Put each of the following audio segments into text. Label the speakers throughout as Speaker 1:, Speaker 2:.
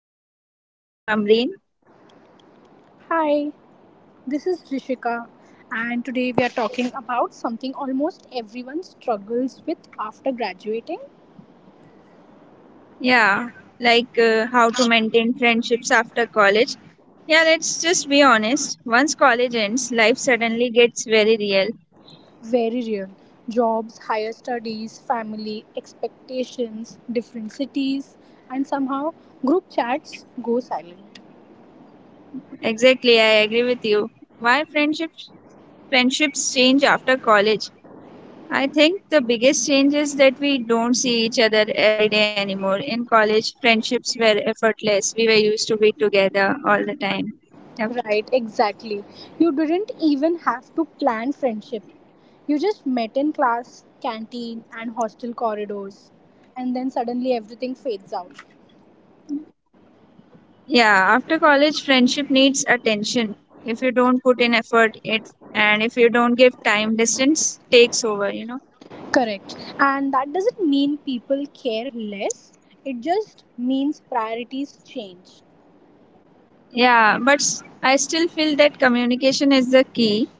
Speaker 1: College. I am Amreen.
Speaker 2: Hi, this is Rishika, and today we are talking about something almost everyone struggles with after graduating.
Speaker 1: Yeah, like how to maintain friendships after college. Yeah, let's just be honest. Once college ends, life suddenly gets very real.
Speaker 2: Very real jobs, higher studies, family, expectations, different cities, and somehow group chats go silent.
Speaker 1: Exactly, I agree with you. Why friendships change after college? I think the biggest change is that we don't see each other every day anymore. In college, friendships were effortless. We were used to be together all the time. Yep.
Speaker 2: Right, exactly. You didn't even have to plan friendship. You just met in class, canteen, and hostel corridors, and then suddenly everything fades out.
Speaker 1: Yeah, after college, friendship needs attention. If you don't put in effort, it and if you don't give time, distance takes over,
Speaker 2: Correct. And that doesn't mean people care less, it just means priorities change.
Speaker 1: Yeah, but I still feel that communication is the key.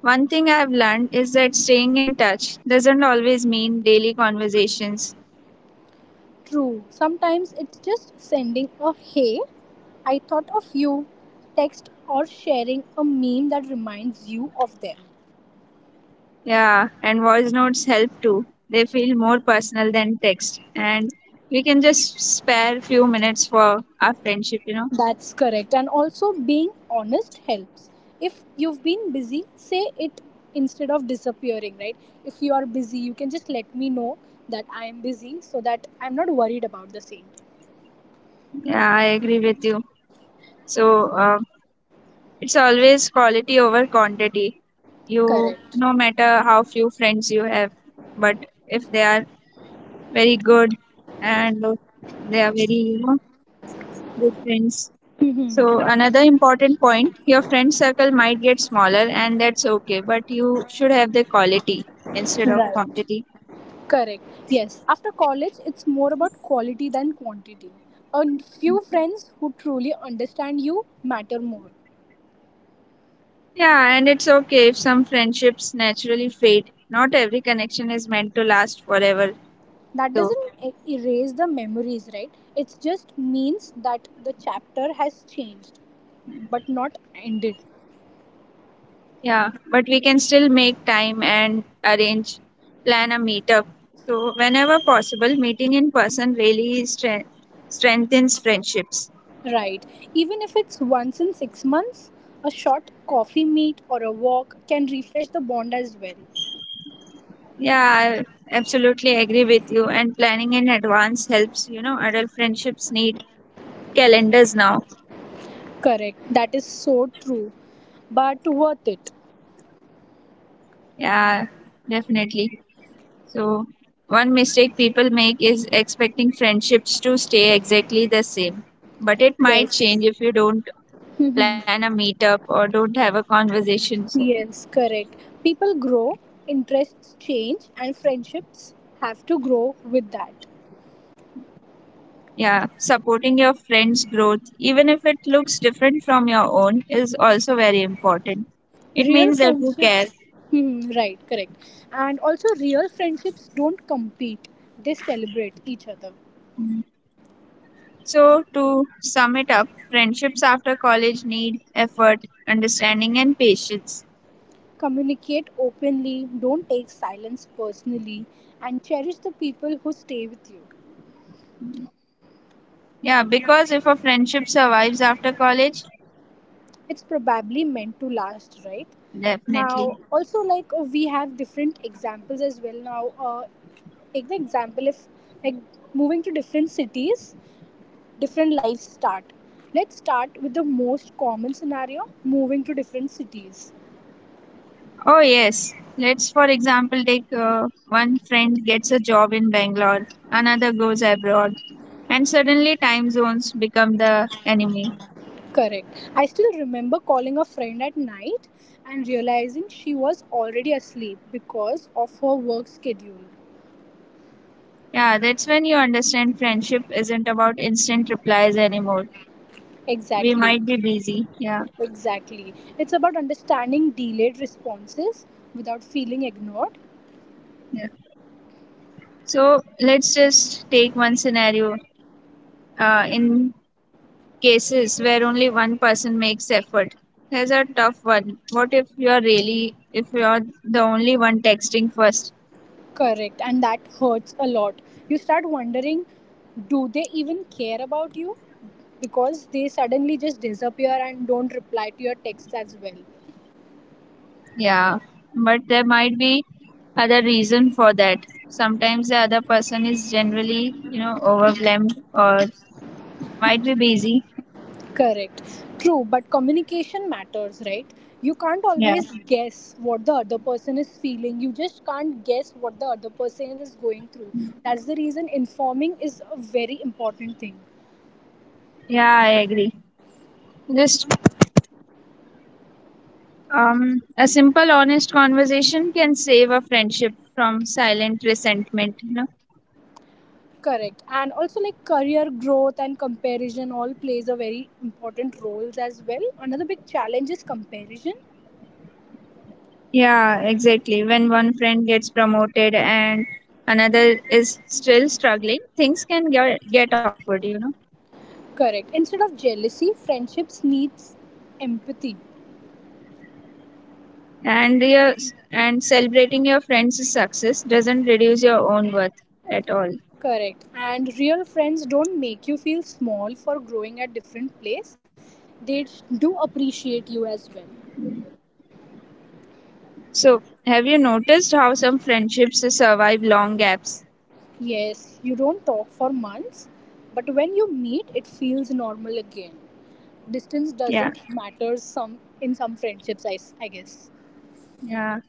Speaker 1: One thing I've learned is that staying in touch doesn't always mean daily conversations.
Speaker 2: True. Sometimes it's just sending a hey, I thought of you text or sharing a meme that reminds you of them.
Speaker 1: Yeah, and voice notes help too. They feel more personal than text, and we can just spare few minutes for our friendship.
Speaker 2: That's correct. And also being honest helps. If you've been busy, say it instead of disappearing, right? If you are busy, you can just let me know that I am busy so that I'm not worried about the same.
Speaker 1: Yeah, I agree with you. So, uh, It's always quality over quantity. You,
Speaker 2: Correct.
Speaker 1: no matter how few friends you have, but if they are very good and they are very, good friends. So,
Speaker 2: Hmm.
Speaker 1: another important point your friend circle might get smaller, and that's okay, but you should have the quality instead of quantity.
Speaker 2: Correct. Yes. After college, it's more about quality than quantity. A few friends who truly understand you matter more.
Speaker 1: Yeah, and it's okay if some friendships naturally fade. Not every connection is meant to last forever,
Speaker 2: That
Speaker 1: though.
Speaker 2: doesn't erase the memories, right? It just means that the chapter has changed, but not ended.
Speaker 1: Yeah, but we can still make time and arrange, plan a meetup. So, whenever possible, meeting in person really strengthens friendships.
Speaker 2: Right. Even if it's once in 6 months, a short coffee meet or a walk can refresh the bond as well.
Speaker 1: Yeah, I absolutely agree with you. And planning in advance helps, adult friendships need calendars now.
Speaker 2: Correct. That is so true. But worth it.
Speaker 1: Yeah, definitely. So, one mistake people make is expecting friendships to stay exactly the same. But it might
Speaker 2: Yes.
Speaker 1: change if you don't plan a meetup or don't have a conversation. So,
Speaker 2: Yes, correct. People grow, interests change, and friendships have to grow with that.
Speaker 1: yeah, supporting your friend's growth, even if it looks different from your own, is also very important. It
Speaker 2: Real
Speaker 1: means that you care.
Speaker 2: friendships, hmm, right, correct. And also, real friendships don't compete, they celebrate each other.
Speaker 1: So, to sum it up, friendships after college need effort, understanding, and patience.
Speaker 2: Communicate openly, don't take silence personally, and cherish the people who stay with you.
Speaker 1: Yeah, because if a friendship survives after college,
Speaker 2: It's probably meant to last, right?
Speaker 1: definitely.
Speaker 2: Now also like we have different examples as well now take the example if like moving to different cities, different lives start. Let's start with the most common scenario, moving to different cities.
Speaker 1: Oh, yes. Let's, for example, take one friend gets a job in Bangalore, another goes abroad, and suddenly time zones become the enemy.
Speaker 2: Correct. I still remember calling a friend at night and realizing she was already asleep because of her work schedule.
Speaker 1: Yeah, that's when you understand friendship isn't about instant replies anymore. We
Speaker 2: Exactly.
Speaker 1: might be busy. Yeah.
Speaker 2: Exactly, it's about understanding delayed responses without feeling ignored.
Speaker 1: Yeah. So let's just take one scenario. In cases where only one person makes effort, here's a tough one. What if if you're the only one texting first?
Speaker 2: Correct, and that hurts a lot. You start wondering, do they even care about you? Because they suddenly just disappear and don't reply to your texts as well.
Speaker 1: Yeah. But there might be other reason for that. Sometimes the other person is generally, overwhelmed or might be busy.
Speaker 2: Correct. True, but communication matters, right? You can't
Speaker 1: Yeah.
Speaker 2: always, yeah, guess what the other person is feeling. You just can't guess what the other person is going through. That's the reason informing is a very important thing.
Speaker 1: Yeah, I agree. Just a simple, honest conversation can save a friendship from silent resentment. You know?
Speaker 2: Correct. And also like career growth and comparison all plays a very important roles as well. Another big challenge is comparison.
Speaker 1: Yeah, exactly. When one friend gets promoted and another is still struggling, things can get awkward. You know,
Speaker 2: Correct. Instead of jealousy, friendships needs empathy.
Speaker 1: and your and celebrating your friend's success doesn't reduce your own worth at all.
Speaker 2: Correct. And real friends don't make you feel small for growing at different place. They do appreciate you as well.
Speaker 1: So, have you noticed how some friendships survive long gaps?
Speaker 2: Yes, you don't talk for months, but when you meet it feels normal again. Distance
Speaker 1: Yeah,
Speaker 2: doesn't matter some in some friendships I guess.
Speaker 1: yeah.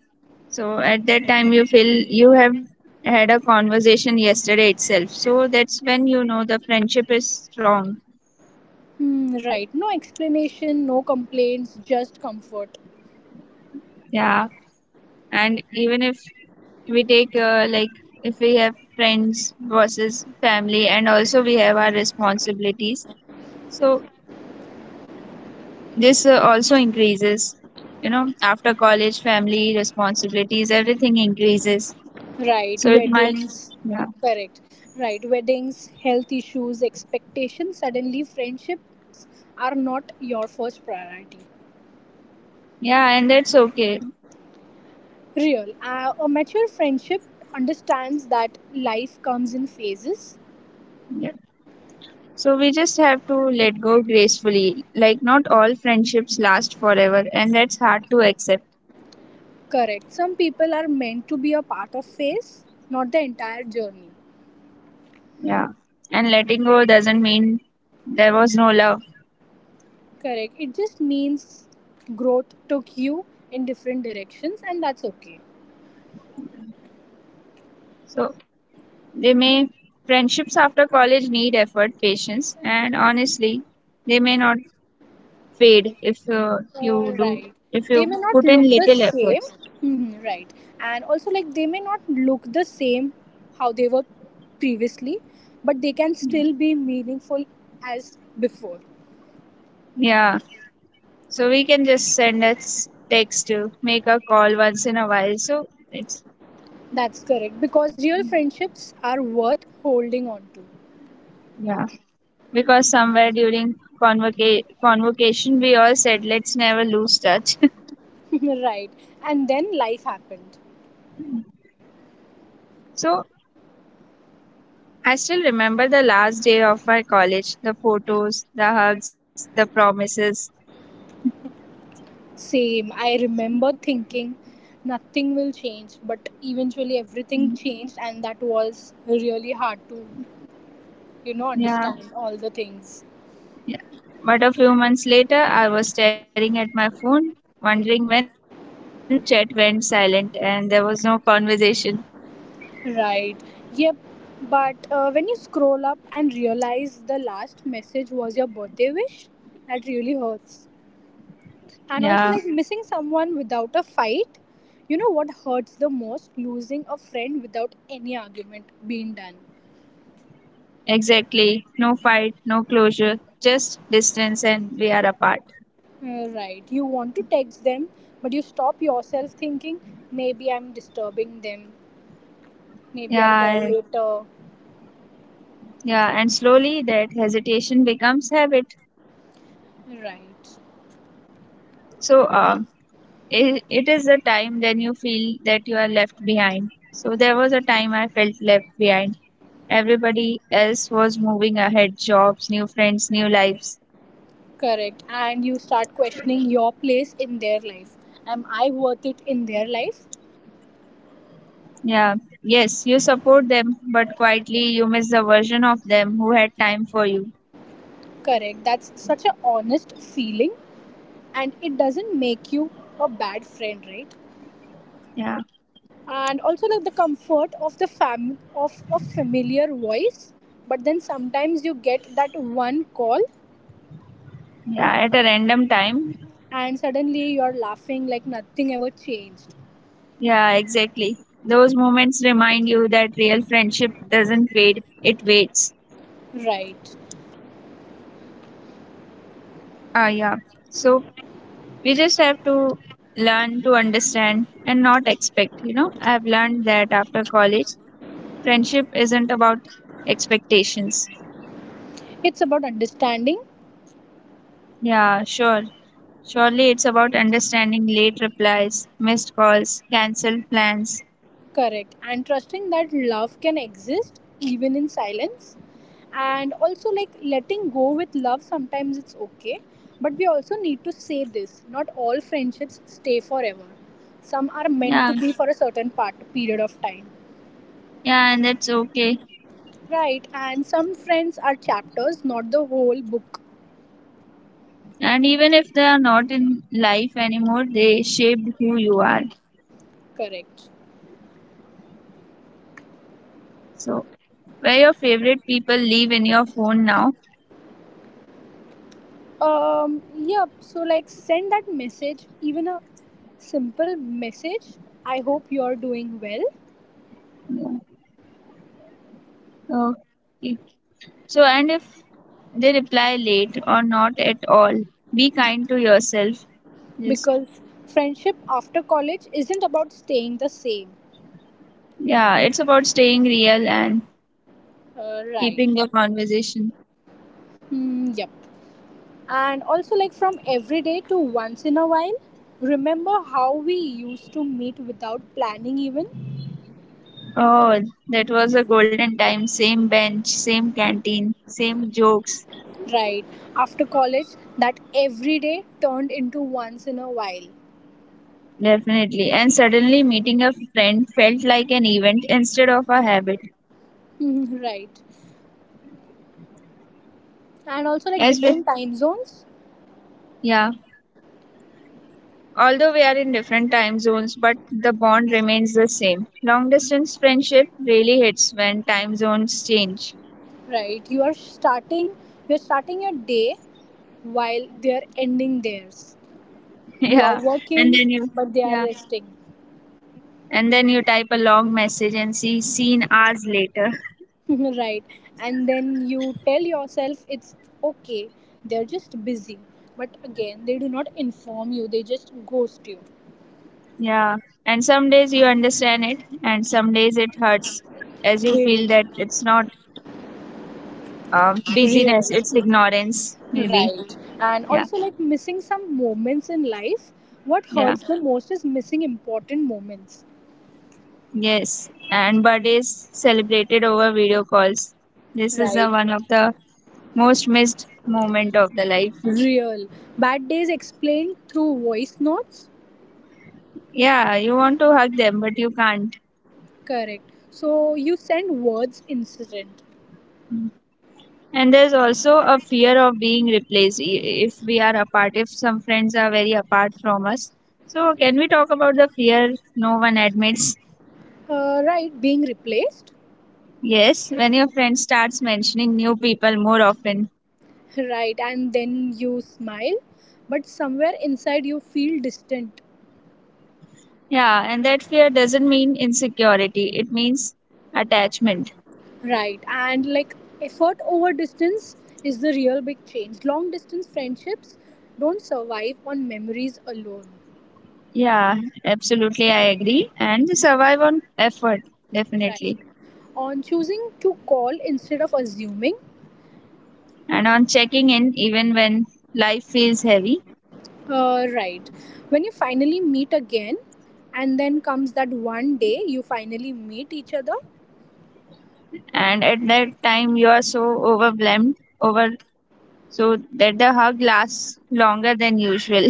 Speaker 1: So at that time, you feel you have had a conversation yesterday itself. So that's when you know the friendship is strong.
Speaker 2: Hmm, right. No explanation, no complaints, just comfort.
Speaker 1: Yeah. And even if we take, if we have friends versus family, and also we have our responsibilities. So this also increases. You know, after college, family responsibilities, everything increases. So
Speaker 2: Right.
Speaker 1: it might,
Speaker 2: Weddings.
Speaker 1: yeah.
Speaker 2: Correct. Right. Weddings, health issues, expectations. Suddenly, friendships are not your first priority.
Speaker 1: Yeah. And that's okay.
Speaker 2: Real. A mature friendship understands that life comes in phases.
Speaker 1: Yeah. So we just have to let go gracefully. Like, not all friendships last forever, and that's hard to accept.
Speaker 2: Correct. Some people are meant to be a part of phase, not the entire journey.
Speaker 1: Yeah. And letting go doesn't mean there was no love.
Speaker 2: Correct. It just means growth took you in different directions, and that's okay.
Speaker 1: So they may, friendships after college need effort, patience, and honestly, they may not fade if
Speaker 2: Right.
Speaker 1: if
Speaker 2: They
Speaker 1: you
Speaker 2: may not
Speaker 1: put in
Speaker 2: look the
Speaker 1: little
Speaker 2: same.
Speaker 1: efforts.
Speaker 2: Mhm, right. And also, like, they may not look the same how they were previously, but they can still be meaningful as before.
Speaker 1: Yeah. So we can just send a text to make a call once in a while. It's,
Speaker 2: That's correct. Because real friendships are worth holding on to.
Speaker 1: yeah. Because somewhere during convocation we all said let's never lose touch.
Speaker 2: Right. And then life happened.
Speaker 1: So I still remember the last day of my college, the photos, the hugs, the promises.
Speaker 2: Same. I remember thinking nothing will change, but eventually everything changed, and that was really hard to, you know,
Speaker 1: Yeah,
Speaker 2: understand all the things.
Speaker 1: yeah. But a few months later I was staring at my phone, wondering when the group chat went silent and there was no conversation.
Speaker 2: Right. Yep. But when you scroll up and realize the last message was your birthday wish, that really hurts. And
Speaker 1: Yeah,
Speaker 2: also, like missing someone without a fight, you know what hurts the most? Losing a friend without any argument being done.
Speaker 1: exactly. No fight, no closure, just distance, and we are apart.
Speaker 2: Right. You want to text them, but you stop yourself thinking, maybe I'm disturbing them, maybe I'll
Speaker 1: yeah I-
Speaker 2: call
Speaker 1: yeah, and slowly that hesitation becomes habit.
Speaker 2: later. Right.
Speaker 1: So um, it is the time then you feel that you are left behind. So there was a time I felt left behind. Everybody else was moving ahead, jobs, new friends, new lives.
Speaker 2: Correct. And you start questioning your place in their life. Am I worth it in their life?
Speaker 1: Yeah, yes, you support them, but quietly you miss the version of them who had time for you.
Speaker 2: Correct. That's such an honest feeling and it doesn't make you a bad friend, right?
Speaker 1: Yeah,
Speaker 2: And also like the comfort of the fam of a familiar voice, but then sometimes you get that one call
Speaker 1: yeah, at a random time.
Speaker 2: and suddenly you're laughing like nothing ever changed.
Speaker 1: Yeah, exactly. Those moments remind you that real friendship doesn't fade, it waits.
Speaker 2: Right.
Speaker 1: Ah, yeah. So we just have to learn to understand and not expect. You know, I've learned that after college friendship isn't about expectations.
Speaker 2: It's about understanding.
Speaker 1: yeah sure Surely it's about understanding late replies, missed calls, cancelled plans.
Speaker 2: Correct. And trusting that love can exist even in silence. And also, like letting go with love, sometimes it's okay. But we also need to say this, not all friendships stay forever. Some are meant to
Speaker 1: Yeah,
Speaker 2: be for a certain part, period of time.
Speaker 1: yeah, and that's okay.
Speaker 2: Right. And some friends are chapters, not the whole book.
Speaker 1: And even if they are not in life anymore, they shaped who you are.
Speaker 2: Correct.
Speaker 1: So where your favorite people live in your phone now.
Speaker 2: Yeah. So, like, send that message, even a simple message. I hope you're doing well,
Speaker 1: Okay. So, and if they reply late or not at all, be kind to yourself. Yes.
Speaker 2: because friendship after college isn't about staying the same.
Speaker 1: Yeah, it's about staying real and
Speaker 2: Right.
Speaker 1: keeping your conversation.
Speaker 2: Mm, yep. And also like from every day to once in a while, remember how we used to meet without planning even.
Speaker 1: Oh, that was a golden time. Same bench, same canteen, same jokes.
Speaker 2: Right. After college, that every day turned into once in a while.
Speaker 1: Definitely. And suddenly meeting a friend felt like an event instead of a habit.
Speaker 2: Mhm, right. And also like
Speaker 1: As well,
Speaker 2: different time zones.
Speaker 1: yeah. Although we are in different time zones, but the bond remains the same. Long distance friendship really hits when time zones change.
Speaker 2: Right. You're starting your day while they're ending theirs. You are
Speaker 1: Yeah, and
Speaker 2: working
Speaker 1: then you,
Speaker 2: but they are
Speaker 1: yeah,
Speaker 2: resting.
Speaker 1: and then you type a long message and see seen hours later.
Speaker 2: Right. And then you tell yourself it's okay, they're just busy, but again they do not inform you, they just ghost you.
Speaker 1: Yeah, and some days you understand it, and some days it hurts as you
Speaker 2: Really
Speaker 1: feel that it's not busyness,
Speaker 2: real.
Speaker 1: it's ignorance, maybe.
Speaker 2: Right. And
Speaker 1: Yeah,
Speaker 2: also like missing some moments in life, what
Speaker 1: yeah,
Speaker 2: hurts the most is missing important moments.
Speaker 1: yes. And birthdays celebrated over video calls. This is the
Speaker 2: Right,
Speaker 1: one of the most missed moment of the life.
Speaker 2: real. Bad days explained through voice notes.
Speaker 1: Yeah, you want to hug them, but you can't.
Speaker 2: Correct. So you send words incident.
Speaker 1: And there's also a fear of being replaced if we are apart, if some friends are very apart from us. So, can we talk about the fear no one admits?
Speaker 2: Right. Being replaced.
Speaker 1: Yes, when your friend starts mentioning new people more often.
Speaker 2: Right. And then you smile but somewhere inside you feel distant.
Speaker 1: Yeah, and that fear doesn't mean insecurity, it means attachment.
Speaker 2: Right. And like effort over distance is the real big change. Long distance friendships don't survive on memories alone.
Speaker 1: Yeah, absolutely, I agree. And survive on effort,
Speaker 2: Right.
Speaker 1: definitely.
Speaker 2: On choosing to call instead of assuming.
Speaker 1: And on checking in, even when life feels heavy.
Speaker 2: Right. When you finally meet again, and then comes that one day you finally meet each other.
Speaker 1: And at that time, you are so overwhelmed over So that the hug lasts longer than usual.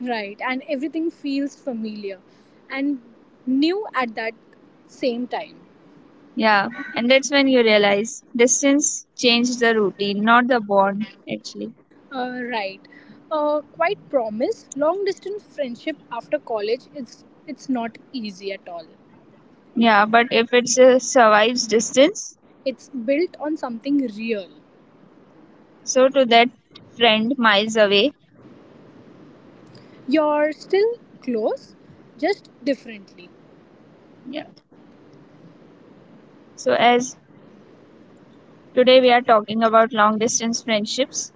Speaker 2: Right. And everything feels familiar and new at that same time.
Speaker 1: Yeah, and that's when you realize distance changed the routine, not the bond, actually.
Speaker 2: Right. Quite promise. Long distance friendship after college, it's not easy at all.
Speaker 1: Yeah, but if it survives distance,
Speaker 2: It's built on something real.
Speaker 1: so to that friend miles away.
Speaker 2: You're still close, just differently.
Speaker 1: Yeah. So as today we are talking about long distance friendships,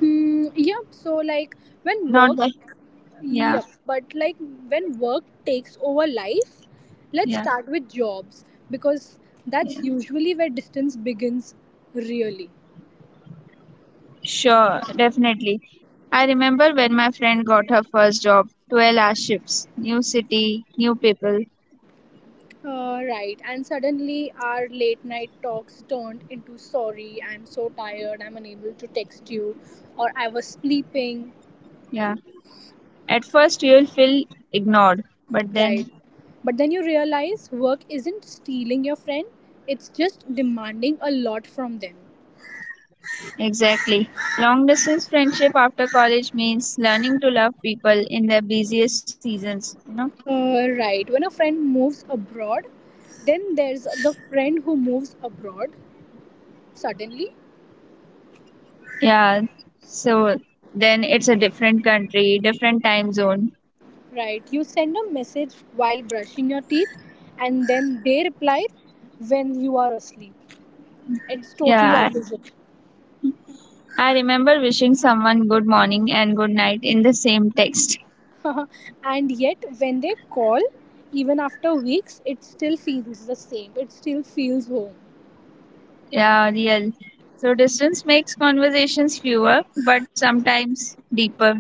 Speaker 2: Hmm. Yep. So like when
Speaker 1: not
Speaker 2: work.
Speaker 1: the yeah,
Speaker 2: Yep. But like when work takes over life, let's
Speaker 1: yeah,
Speaker 2: start with jobs because
Speaker 1: yeah.
Speaker 2: that's usually where distance begins, really.
Speaker 1: Sure, definitely. I remember when my friend got her first job, 12-hour shifts, new city, new people.
Speaker 2: Right. And suddenly our late night talks turned into sorry, I'm so tired, I'm unable to text you, or I was sleeping.
Speaker 1: Yeah. At first you'll feel ignored, but
Speaker 2: Right.
Speaker 1: then
Speaker 2: But then you realize work isn't stealing your friend, it's just demanding a lot from them.
Speaker 1: exactly. Long distance friendship after college means learning to love people in their busiest seasons, you know?
Speaker 2: Right. When a friend moves abroad, then there's the friend who moves abroad suddenly.
Speaker 1: Yeah. So then it's a different country, different time zone.
Speaker 2: Right. You send a message while brushing your teeth, and then they reply when you are asleep. It's totally
Speaker 1: Yeah. I
Speaker 2: opposite.
Speaker 1: I remember wishing someone good morning and good night in the same text.
Speaker 2: And yet, when they call, even after weeks, it still feels the same. It still feels home.
Speaker 1: Yeah, real. So distance makes conversations fewer, but sometimes deeper.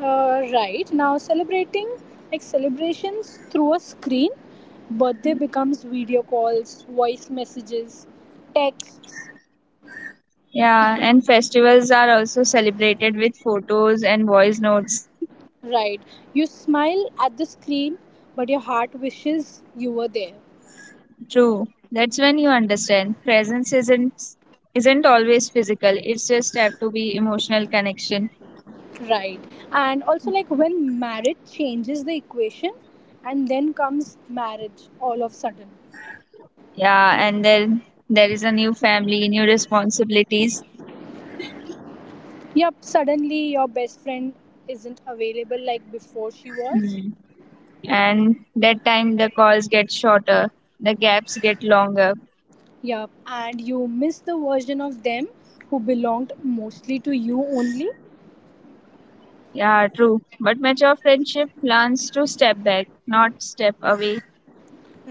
Speaker 2: Right now, celebrating like celebrations through a screen, birthday becomes video calls, voice messages, texts.
Speaker 1: Yeah, and festivals are also celebrated with photos and voice notes.
Speaker 2: Right, you smile at the screen, but your heart wishes you were there.
Speaker 1: True. That's when you understand presence isn't always physical. It's just have to be emotional connection.
Speaker 2: Right. And also, like when marriage changes the equation, and then comes marriage all of sudden.
Speaker 1: Yeah, and then there is a new family, new responsibilities.
Speaker 2: Yep, suddenly your best friend isn't available like before she was.
Speaker 1: Mm. And that time the calls get shorter, the gaps get longer.
Speaker 2: Yep, and you miss the version of them who belonged mostly to you only.
Speaker 1: Yeah, true. But mature friendship plans to step back, not step away.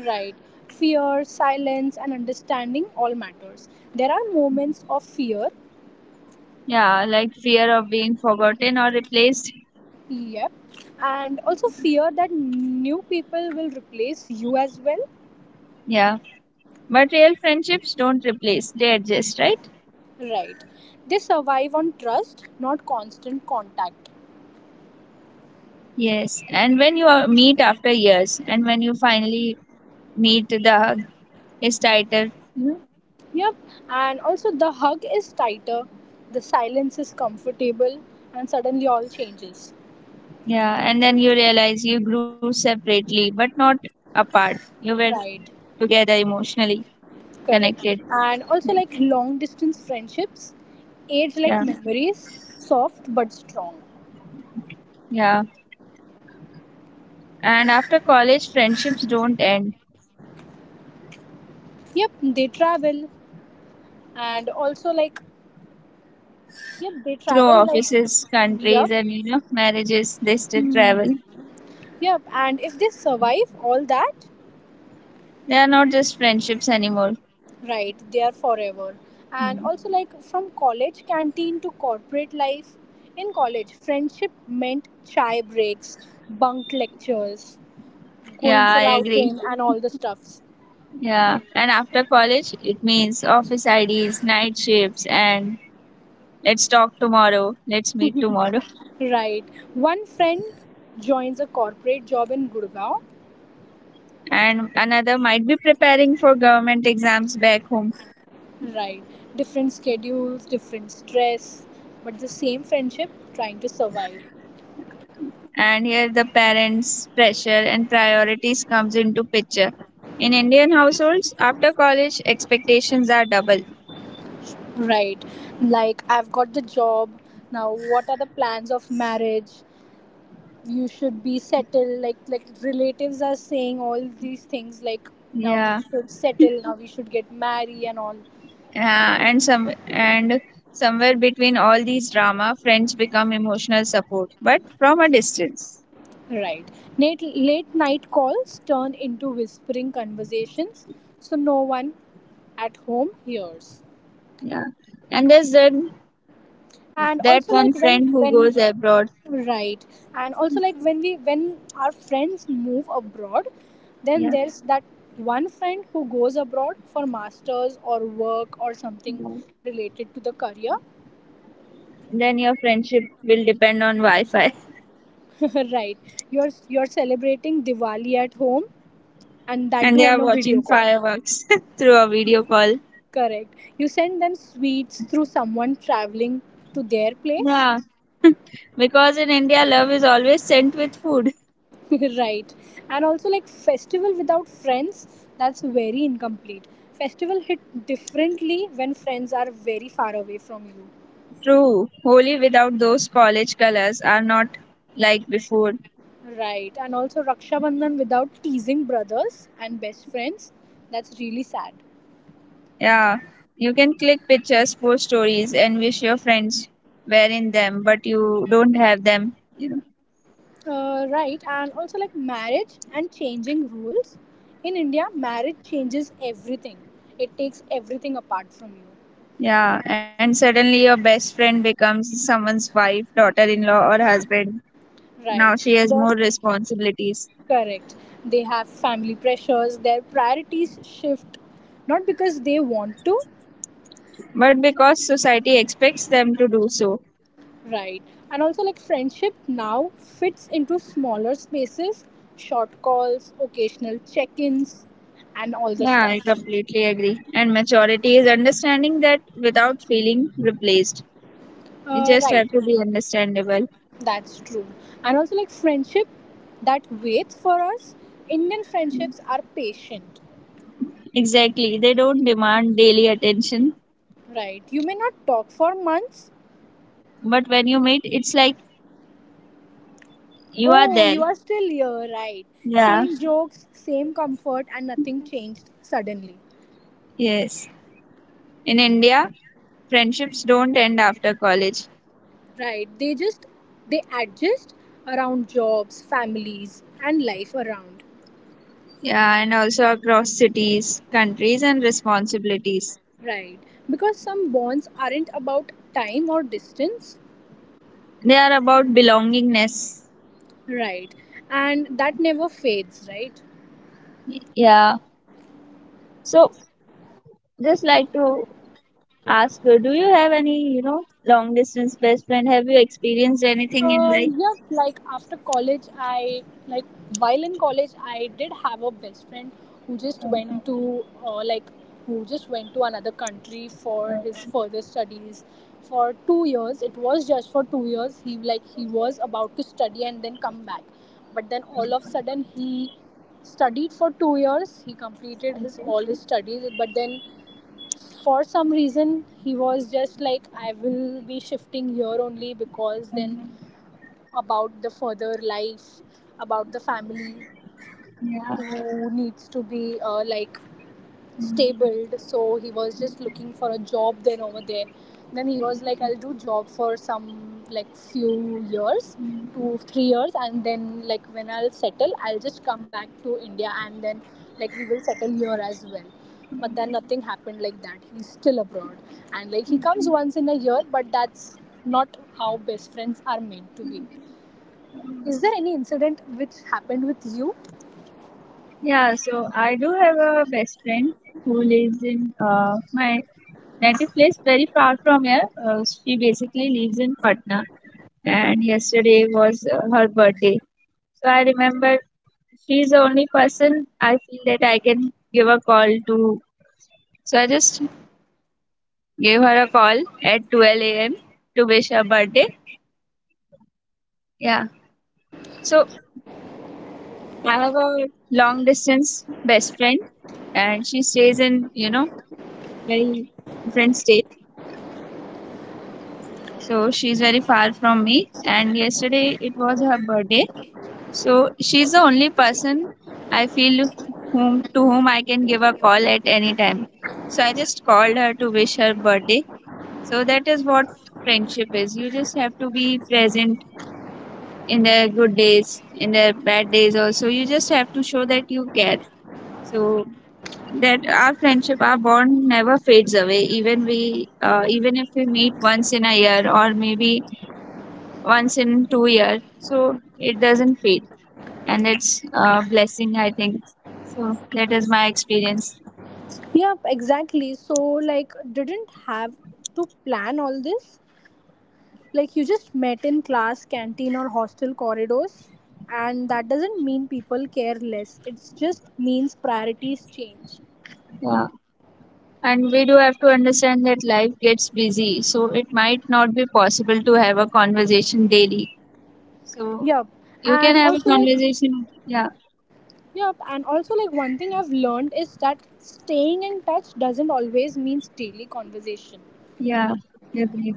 Speaker 2: Right. Fear, silence, and understanding all matters. There are moments of fear.
Speaker 1: Yeah, like fear of being forgotten or replaced.
Speaker 2: Yep. And also fear that new people will replace you as well.
Speaker 1: Yeah, but real friendships don't replace, they adjust, right?
Speaker 2: Right. They survive on trust, not constant contact.
Speaker 1: Yes, and when meet after years, and when you finally meet, the hug is tighter. You know?
Speaker 2: Yep. And also, the hug is tighter, the silence is comfortable, and suddenly all changes.
Speaker 1: Yeah, and then you realize you grew separately, but not apart. You were
Speaker 2: Right.
Speaker 1: together emotionally
Speaker 2: Correct.
Speaker 1: connected.
Speaker 2: And also, like long distance friendships, age like
Speaker 1: Yeah,
Speaker 2: memories, soft but strong.
Speaker 1: yeah. And after college, friendships don't end.
Speaker 2: Yep. They travel, and also, like, yep, they
Speaker 1: Through
Speaker 2: travel like,
Speaker 1: offices, countries,
Speaker 2: yep,
Speaker 1: and you know, marriages, they still travel.
Speaker 2: yep. And if they survive all that,
Speaker 1: They are not just friendships anymore.
Speaker 2: right, they are forever. And
Speaker 1: Mm.
Speaker 2: also, like from college canteen to corporate life, in college, friendship meant chai breaks, bunk lectures,
Speaker 1: Yeah,
Speaker 2: going
Speaker 1: I
Speaker 2: for
Speaker 1: agree.
Speaker 2: outing, and all the stuffs.
Speaker 1: Yeah, and after college, it means office IDs, night shifts, and let's talk tomorrow, let's meet tomorrow.
Speaker 2: Right, one friend joins a corporate job in Gurgaon.
Speaker 1: And another might be preparing for government exams back home.
Speaker 2: Right, different schedules, different stress, but the same friendship trying to survive.
Speaker 1: And here the parents' pressure and priorities comes into picture. In Indian households, after college, expectations are double.
Speaker 2: Right, like I've got the job. Now, what are the plans of marriage? You should be settled, like relatives are saying all these things like now we
Speaker 1: Yeah,
Speaker 2: should settle, now we should get married and all.
Speaker 1: and somewhere between all these drama, friends become emotional support, but from a distance.
Speaker 2: Right. Late, late night calls turn into whispering conversations so no one at home hears.
Speaker 1: Yeah. And there's that
Speaker 2: And
Speaker 1: that
Speaker 2: also
Speaker 1: one
Speaker 2: like when
Speaker 1: friend who
Speaker 2: when
Speaker 1: goes abroad.
Speaker 2: right. And also like when our friends move abroad, then
Speaker 1: Yeah.
Speaker 2: there's that one friend who goes abroad for masters or work or something related to the career.
Speaker 1: Then your friendship will depend on Wi Fi.
Speaker 2: Right. You're celebrating Diwali at home and that
Speaker 1: And they
Speaker 2: do
Speaker 1: are
Speaker 2: on a video
Speaker 1: watching
Speaker 2: call.
Speaker 1: fireworks through a video call.
Speaker 2: Correct. You send them sweets through someone traveling to their place.
Speaker 1: Yeah. Because in India, love is always sent with food.
Speaker 2: Right. And also like festival without friends, that's very incomplete. Festival hit differently when friends are very far away from you.
Speaker 1: True. Holi without those college colors are not like before.
Speaker 2: Right. And also Raksha Bandhan without teasing brothers and best friends, that's really sad.
Speaker 1: Yeah. You can click pictures, post stories, and wish your friends were in them, but you don't have them.
Speaker 2: Right, and also like marriage and changing rules. In India, marriage changes everything. It takes everything apart from you.
Speaker 1: Yeah, and suddenly your best friend becomes someone's wife, daughter in law, or husband. Now
Speaker 2: Right.
Speaker 1: she has
Speaker 2: They're
Speaker 1: more responsibilities.
Speaker 2: correct. They have family pressures, their priorities shift not because they want to,
Speaker 1: But because society expects them to do so.
Speaker 2: right. And also like friendship now fits into smaller spaces, short calls, occasional check-ins and all the
Speaker 1: Yeah, I
Speaker 2: stuff.
Speaker 1: completely agree. And maturity is understanding that without feeling replaced. You
Speaker 2: Uh,
Speaker 1: just
Speaker 2: right.
Speaker 1: have to be understandable.
Speaker 2: That's true. And also, like friendship that waits for us, Indian friendships are patient,
Speaker 1: Exactly. They don't demand daily attention.
Speaker 2: right? You may not talk for months.
Speaker 1: But when you meet, it's like you are
Speaker 2: Oh,
Speaker 1: there.
Speaker 2: you are still here, right?
Speaker 1: Yeah.
Speaker 2: Same jokes, same comfort, and nothing changed suddenly,
Speaker 1: Yes. In India, friendships don't end after college.
Speaker 2: right? They just, they adjust around jobs, families, and life around,
Speaker 1: Yeah, and also across cities, countries, and responsibilities.
Speaker 2: right? Because some bonds aren't about time or distance,
Speaker 1: They are about belongingness.
Speaker 2: right? And that never fades, right?
Speaker 1: Yeah. So just like to ask, do you have any, long distance best friend? Have you experienced
Speaker 2: Uh,
Speaker 1: anything in
Speaker 2: yeah,
Speaker 1: life?
Speaker 2: like after college, I like while in college, I did have a best friend who just
Speaker 1: Okay.
Speaker 2: went to who just went to another country for his further studies for 2 years. It was just for 2 years. He was about to study and then come back, but then all of a sudden he studied for 2 years. He completed his all his studies, but then for some reason he was just like I will be shifting here only because then about the further life, about the family
Speaker 1: Yeah,
Speaker 2: who needs to be stabled. So he was just looking for a job then over there. Then he was like, I'll do job for some like few years, 2 3 years, and then like when I'll settle, I'll just come back to India and then like we will settle here as well. But then nothing happened like that. He's still abroad, and like he comes once in a year, but that's not how best friends are meant to be. Is there any incident which happened with you?
Speaker 1: yeah. So I do have a best friend who lives in my native place, very far from here. She basically lives in Patna, and yesterday was her birthday. So I remember she's the only person I feel that I can give a call to. So I just gave her a call at 12 a.m. to wish her birthday. Yeah. So I have a long distance best friend and she stays in, very different state. So she's very far from me and yesterday it was her birthday. So she's the only person I feel whom to whom I can give a call at any time. So I just called her to wish her birthday. So that is what friendship is. You just have to be present in their good days, in their bad days also. You just have to show that you care. So that our friendship, our bond never fades away. Even if we meet once in a year or maybe once in 2 years, so it doesn't fade, and it's a blessing, I think. So that is my experience.
Speaker 2: Yep, exactly. So, like, didn't have to plan all this. Like, you just met in class, canteen, or hostel corridors. And that doesn't mean people care less, it just means priorities change.
Speaker 1: Yeah. And we do have to understand that life gets busy, so it might not be possible to have a conversation daily. So
Speaker 2: Yep.
Speaker 1: you can
Speaker 2: And
Speaker 1: have a
Speaker 2: also, like,
Speaker 1: conversation. Yeah,
Speaker 2: yep. And also, like, one thing I've learned is that staying in touch doesn't always means daily conversation.
Speaker 1: yeah, definitely.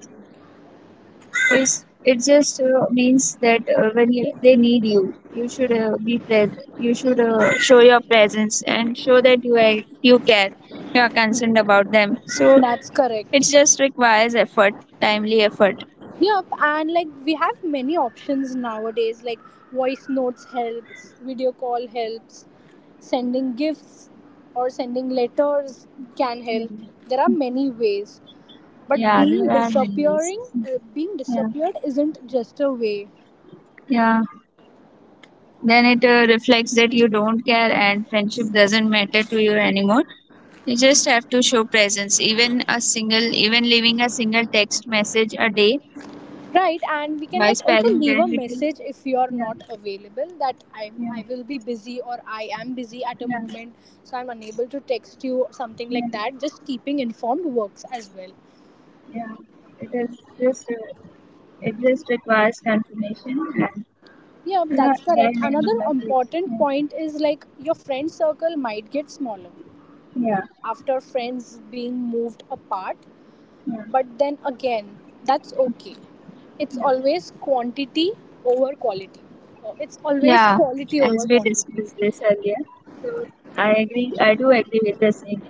Speaker 1: It just means that they need you, you should be present. You should show your presence and show that you are, you care, you are concerned about them. So
Speaker 2: That's
Speaker 1: it
Speaker 2: correct.
Speaker 1: just requires effort, timely effort.
Speaker 2: Yep, and like we have many options nowadays, like voice notes helps, video call helps, sending gifts or sending letters can
Speaker 1: Yeah,
Speaker 2: help. There are many ways, but
Speaker 1: yeah,
Speaker 2: being
Speaker 1: there are many ways.
Speaker 2: disappearing, being
Speaker 1: Yeah,
Speaker 2: disappeared isn't just a way,
Speaker 1: yeah. Then it reflects that you don't care and friendship doesn't matter to you anymore. You just have to show presence, even a single even leaving a single text message a day,
Speaker 2: right? And we can
Speaker 1: by
Speaker 2: like also
Speaker 1: sparing
Speaker 2: leave a
Speaker 1: them it will.
Speaker 2: message if you are
Speaker 1: Yeah,
Speaker 2: not available that I'm
Speaker 1: yeah,
Speaker 2: I will be busy or I am busy at a
Speaker 1: yeah,
Speaker 2: moment, so I'm unable to text you or something like
Speaker 1: yeah,
Speaker 2: that. Just keeping informed works as well.
Speaker 1: yeah, it is just it just requires confirmation. And
Speaker 2: Yeah,
Speaker 1: yeah,
Speaker 2: that's
Speaker 1: very
Speaker 2: correct.
Speaker 1: are many
Speaker 2: Another
Speaker 1: moments.
Speaker 2: important point is like your friend circle might get smaller
Speaker 1: Yeah,
Speaker 2: after friends being moved apart,
Speaker 1: yeah,
Speaker 2: but then again, that's okay. It's
Speaker 1: yeah.
Speaker 2: always quantity over quality. It's always
Speaker 1: Yeah,
Speaker 2: quality
Speaker 1: as
Speaker 2: over
Speaker 1: we
Speaker 2: quantity.
Speaker 1: discussed this earlier, so I agree. I do agree with the same.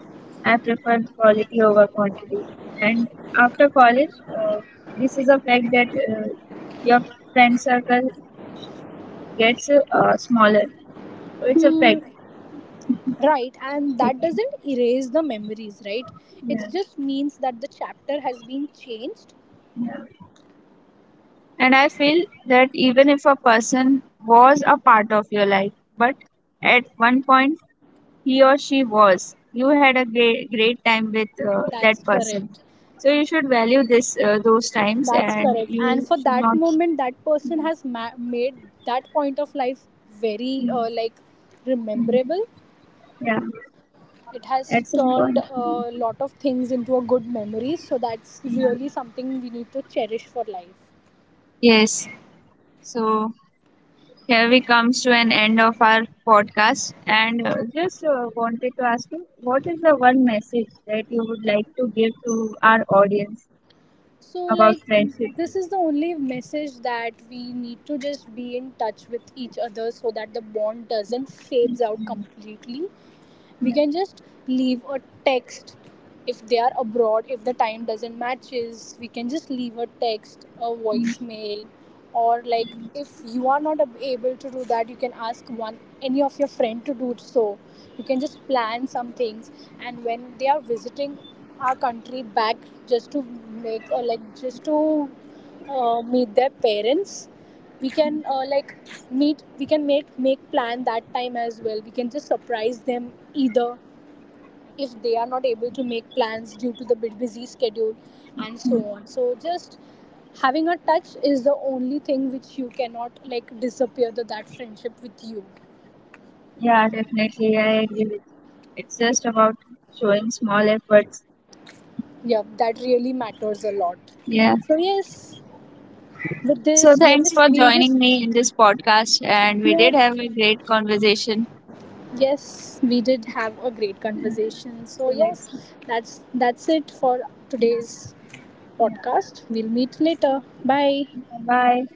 Speaker 1: I prefer quality over quantity. And after college, this is a fact that your friend circle gets smaller. So it's a
Speaker 2: Hmm,
Speaker 1: fact, I
Speaker 2: right, and
Speaker 1: think.
Speaker 2: that doesn't erase the memories, right? It
Speaker 1: Yeah,
Speaker 2: just means that the chapter has been changed.
Speaker 1: yeah. And I feel that even if a person was a part of your life, but at one point he or she was. You had a great, great time with
Speaker 2: That's
Speaker 1: that person.
Speaker 2: correct.
Speaker 1: So you should value this those times,
Speaker 2: That's
Speaker 1: and
Speaker 2: correct. And
Speaker 1: you
Speaker 2: for
Speaker 1: should
Speaker 2: that
Speaker 1: not.
Speaker 2: moment, that person has made that point of life very rememberable.
Speaker 1: Yeah,
Speaker 2: It has
Speaker 1: at some
Speaker 2: turned
Speaker 1: point.
Speaker 2: a lot of things into a good memory. So that's
Speaker 1: Yeah.
Speaker 2: really something we need to cherish for life.
Speaker 1: Yes. So here we comes to an end of our podcast, and just wanted to ask you, what is the one message that you would like to give to our audience
Speaker 2: So
Speaker 1: about
Speaker 2: like
Speaker 1: friendship?
Speaker 2: this is the only message that we need to just be in touch with each other so that the bond doesn't fades out completely, we can just leave a text if they are abroad. If the time doesn't matches, we can just leave a text, a voicemail, or like if you are not able to do that, you can ask one any of your friend to do it. So you can just plan some things and when they are visiting our country back, just to make or like just to meet their parents, we can meet we can make plan that time as well. We can just surprise them either if they are not able to make plans due to the bit busy schedule and so on. So just having a touch is the only thing which you cannot like disappear the, that friendship with you.
Speaker 1: Yeah, definitely, I agree with you. It's just about showing small efforts.
Speaker 2: Yeah, that really matters a lot.
Speaker 1: Yeah.
Speaker 2: So yes, with
Speaker 1: So
Speaker 2: this we are
Speaker 1: thanks
Speaker 2: just
Speaker 1: for
Speaker 2: we'll just
Speaker 1: joining me in this podcast, and we did
Speaker 2: yeah.
Speaker 1: have a great conversation.
Speaker 2: Yes, we did have a great
Speaker 1: Yeah.
Speaker 2: conversation.
Speaker 1: So
Speaker 2: So yes,
Speaker 1: let's
Speaker 2: that's it for today's podcast. We'll meet later. Bye.
Speaker 1: bye.